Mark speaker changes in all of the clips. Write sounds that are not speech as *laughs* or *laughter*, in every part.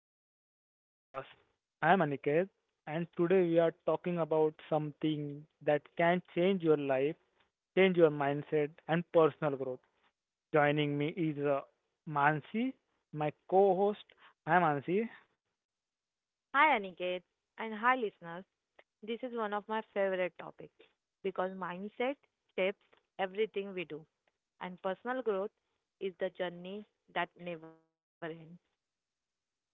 Speaker 1: our podcast. I am Aniket, and today we are talking about something that can change your life, change your mindset, and personal growth. Joining me is Mansi, my co host. Hi Mansi.
Speaker 2: Hi, Aniket, and hi, listeners. This is one of my favorite topics because mindset shapes everything we do, and personal growth is the journey that never ends.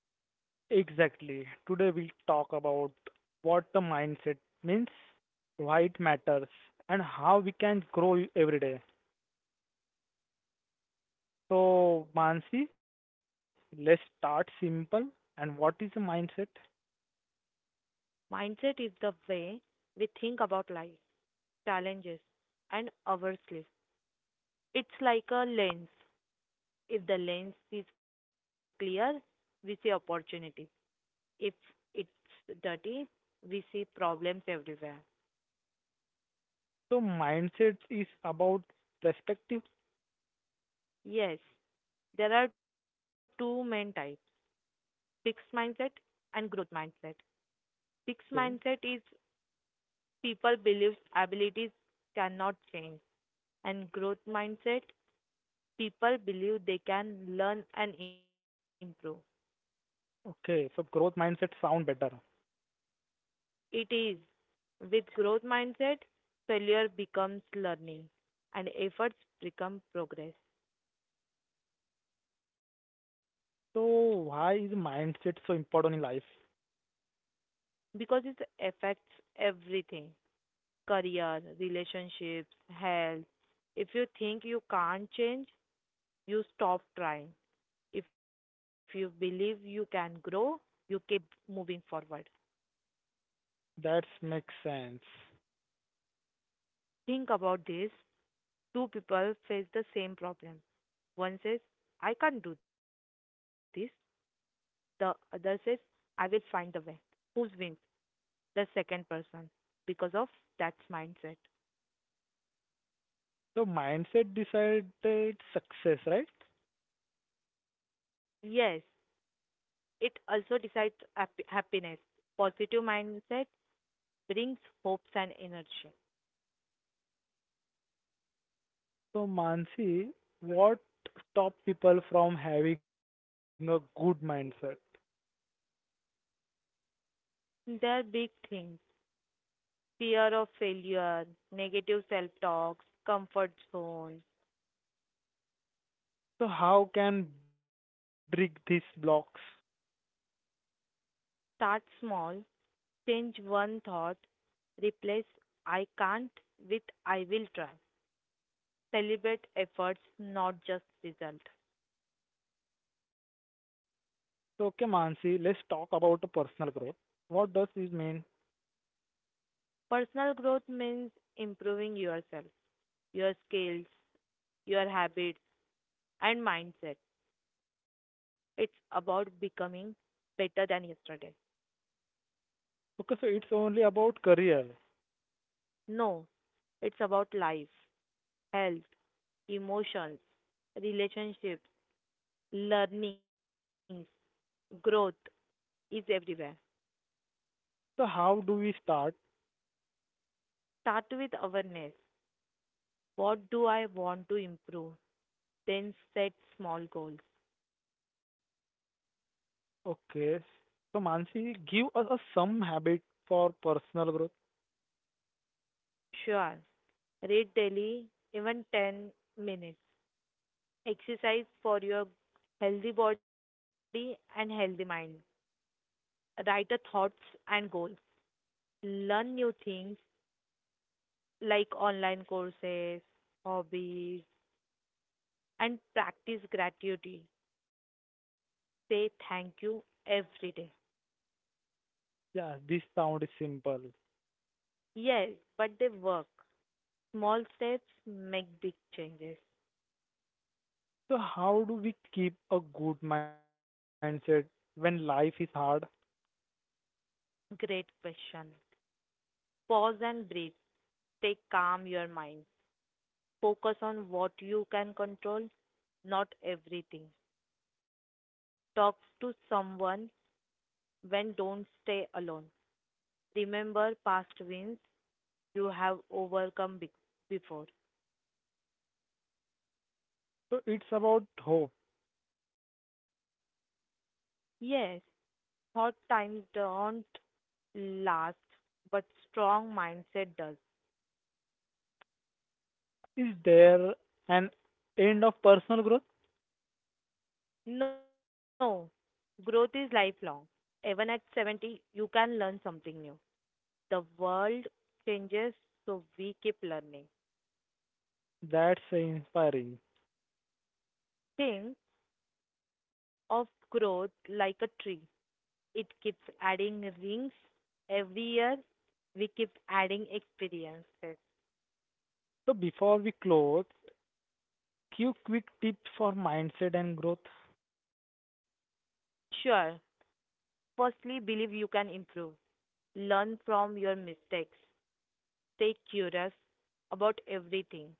Speaker 1: Exactly. Today we'll talk about what the mindset means, why it matters, and how we can grow every day. So, Mansi, let's start simple. And what is the mindset?
Speaker 2: Mindset is the way we think about life, challenges, and ourselves. It's like a lens. If the lens is clear, we see opportunities. If it's dirty, we see problems everywhere.
Speaker 1: So, mindset is about perspective.
Speaker 2: Yes, there are two main types: fixed mindset and growth mindset. Fixed
Speaker 1: Okay.
Speaker 2: mindset is people believe abilities cannot change, and growth mindset people believe they can learn and improve.
Speaker 1: Okay, so growth mindset sound better.
Speaker 2: It is with growth mindset failure becomes learning and efforts become progress
Speaker 1: So, why is mindset so important in life?
Speaker 2: because it affects everything: career, relationships, health. If you think you can't change, you stop trying. If you believe you can grow, you keep moving forward.
Speaker 1: That makes sense.
Speaker 2: Think about this. Two people face the same problem. One says, I can't do this. The other says, I will find the way. Who wins? The second person. Because of that mindset.
Speaker 1: So, mindset decided success, right?
Speaker 2: Yes, it also decides happiness. Positive mindset brings hopes and energy.
Speaker 1: So, Mansi, what stop people from having a good mindset?
Speaker 2: They are big things: fear of failure, negative self talks, comfort zone.
Speaker 1: So, how can break these blocks?
Speaker 2: Start small, change one thought, replace I can't with I will try. Celebrate efforts, not just result.
Speaker 1: So, okay, Mansi, let's talk about the personal growth. What does this mean?
Speaker 2: Personal growth means improving yourself, your skills, your habits, and mindset. It's about becoming better than yesterday.
Speaker 1: Okay, so it's only about career.
Speaker 2: No, it's about life, health, emotions, relationships, learning. Growth is everywhere.
Speaker 1: So, how do we start?
Speaker 2: Start with awareness. What do I want to improve? Then set small goals.
Speaker 1: Okay, so Mansi, give us a some habit for personal growth.
Speaker 2: Sure. Read daily, even 10 minutes. Exercise for your healthy body and healthy mind. Write your thoughts and goals. Learn new things like online courses, hobbies, and practice gratitude. Say thank you every day.
Speaker 1: Yeah, this sound is simple.
Speaker 2: Yes, but they work. Small steps make big changes.
Speaker 1: So, how do we keep a good mindset when life is hard?
Speaker 2: Great question. Pause and breathe. Take calm your mind. Focus on what you can control, not everything. Talk to someone, when don't stay alone. Remember past wins you have overcome before.
Speaker 1: So, it's about hope.
Speaker 2: Yes, hard times don't last, but strong mindset does.
Speaker 1: Is there an end of personal growth?
Speaker 2: No, growth is lifelong. Even at 70, you can learn something new. The world changes, so we keep learning.
Speaker 1: That's inspiring.
Speaker 2: Think of growth like a tree. It keeps adding rings every year. We keep adding experiences.
Speaker 1: So, before we close, few quick tips for mindset and growth.
Speaker 2: Sure, firstly, believe you can improve. Learn from your mistakes. Stay curious about everything.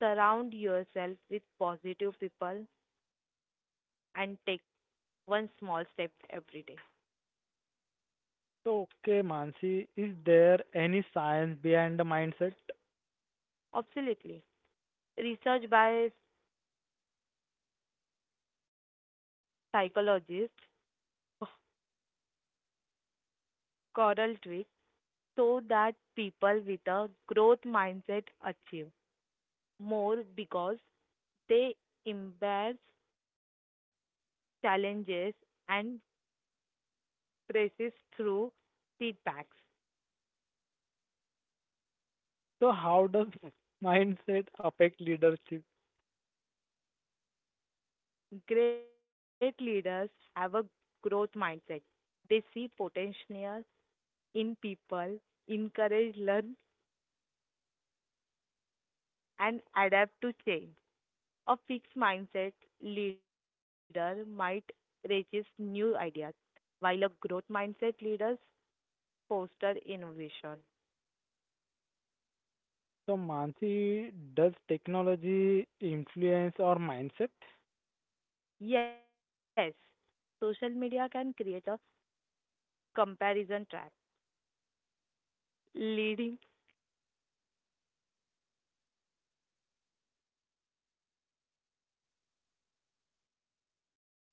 Speaker 2: Surround yourself with positive people and take one small step every day.
Speaker 1: So, okay, Mansi, is there any science behind the mindset?
Speaker 2: Absolutely. Research by psychologist oh, Coral Dweck show that people with a growth mindset achieve more because they embrace challenges and persist through setbacks.
Speaker 1: So, how does *laughs* mindset affect leadership?
Speaker 2: Great leaders have a growth mindset. They see potential in people, encourage, learn, and adapt to change. A fixed mindset leader might resist new ideas, while a growth mindset leaders foster innovation.
Speaker 1: So, Mansi, does technology influence our mindset?
Speaker 2: Yes, social media can create a comparison trap, leading sorry.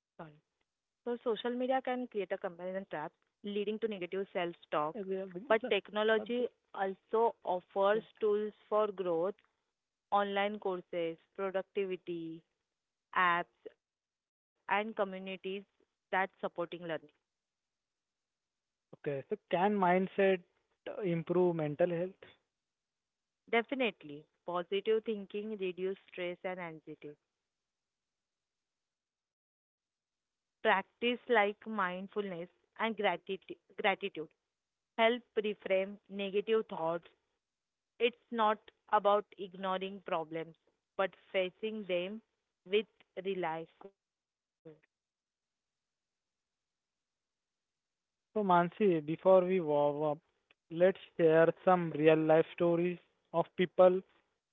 Speaker 2: So social media can create a comparison trap leading to negative self-talk,
Speaker 1: Okay,
Speaker 2: but technology also offers tools for growth: online courses, productivity, apps, and communities that supporting learning.
Speaker 1: so can mindset improve mental health?
Speaker 2: Definitely, positive thinking reduce stress and anxiety. Practice like mindfulness and gratitude help reframe negative thoughts. It's not about ignoring problems, but facing them with realization.
Speaker 1: So, Mansi, before we warm up, let's share some real life stories of people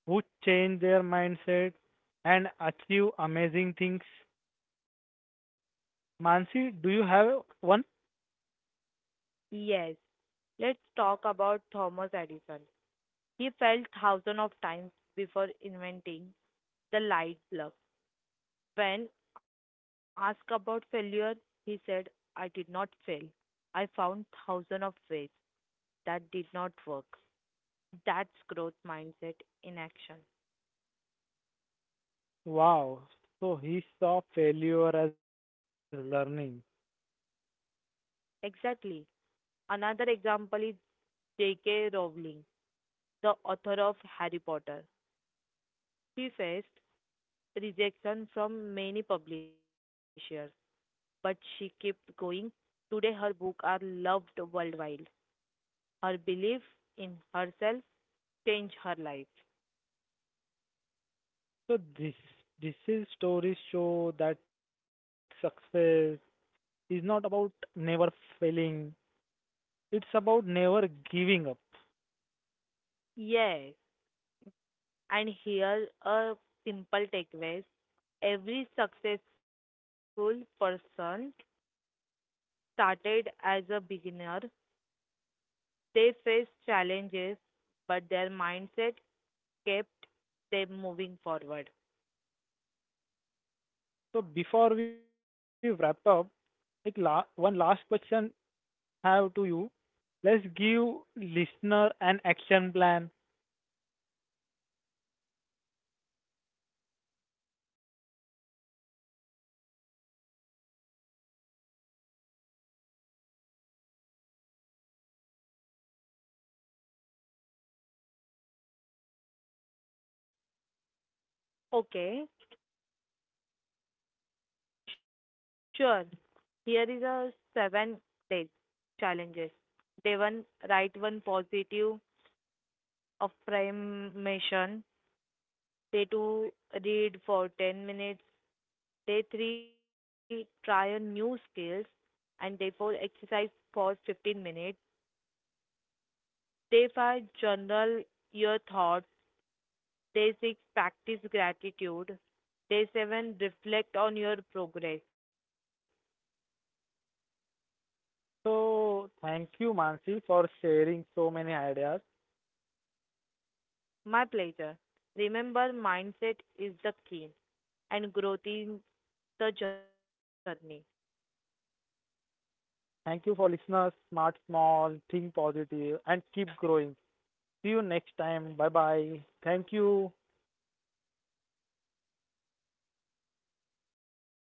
Speaker 1: who change their mindset and achieve amazing things. Mansi, do you have one?
Speaker 2: Yes, let's talk about Thomas Edison. He felt thousands of times before inventing the light bulb. When asked about failure, he said, I did not fail. I found thousands of ways that did not work. That's growth mindset in action.
Speaker 1: Wow. So he saw failure as learning.
Speaker 2: Exactly. Another example is J.K. Rowling, the author of Harry Potter. She faced rejection from many publishers, but she kept going. Today, her books are loved worldwide. Her belief in herself changed her life.
Speaker 1: So this is stories show that success is not about never failing. It's about never giving up.
Speaker 2: Yes. And here a simple takeaway. Every successful person started as a beginner. They faced challenges, but their mindset kept them moving forward.
Speaker 1: So before we wrap up, एक la one last question have to you. Let's give listener an action plan.
Speaker 2: Okay, sure. Here is a 7 days challenges. Day one, write one positive affirmation. Day two, read for 10 minutes. Day three, try a new skills, and therefore exercise for 15 minutes. Day 5, journal your thoughts. Day 6, practice gratitude. Day 7, reflect on your progress.
Speaker 1: So thank you, Mansi, for sharing so many ideas.
Speaker 2: My pleasure. Remember mindset is the key and growth is the journey.
Speaker 1: Thank you for listeners. Smart, small, think positive, and keep growing. See you next time. Bye bye. Thank you.
Speaker 2: Bye bye.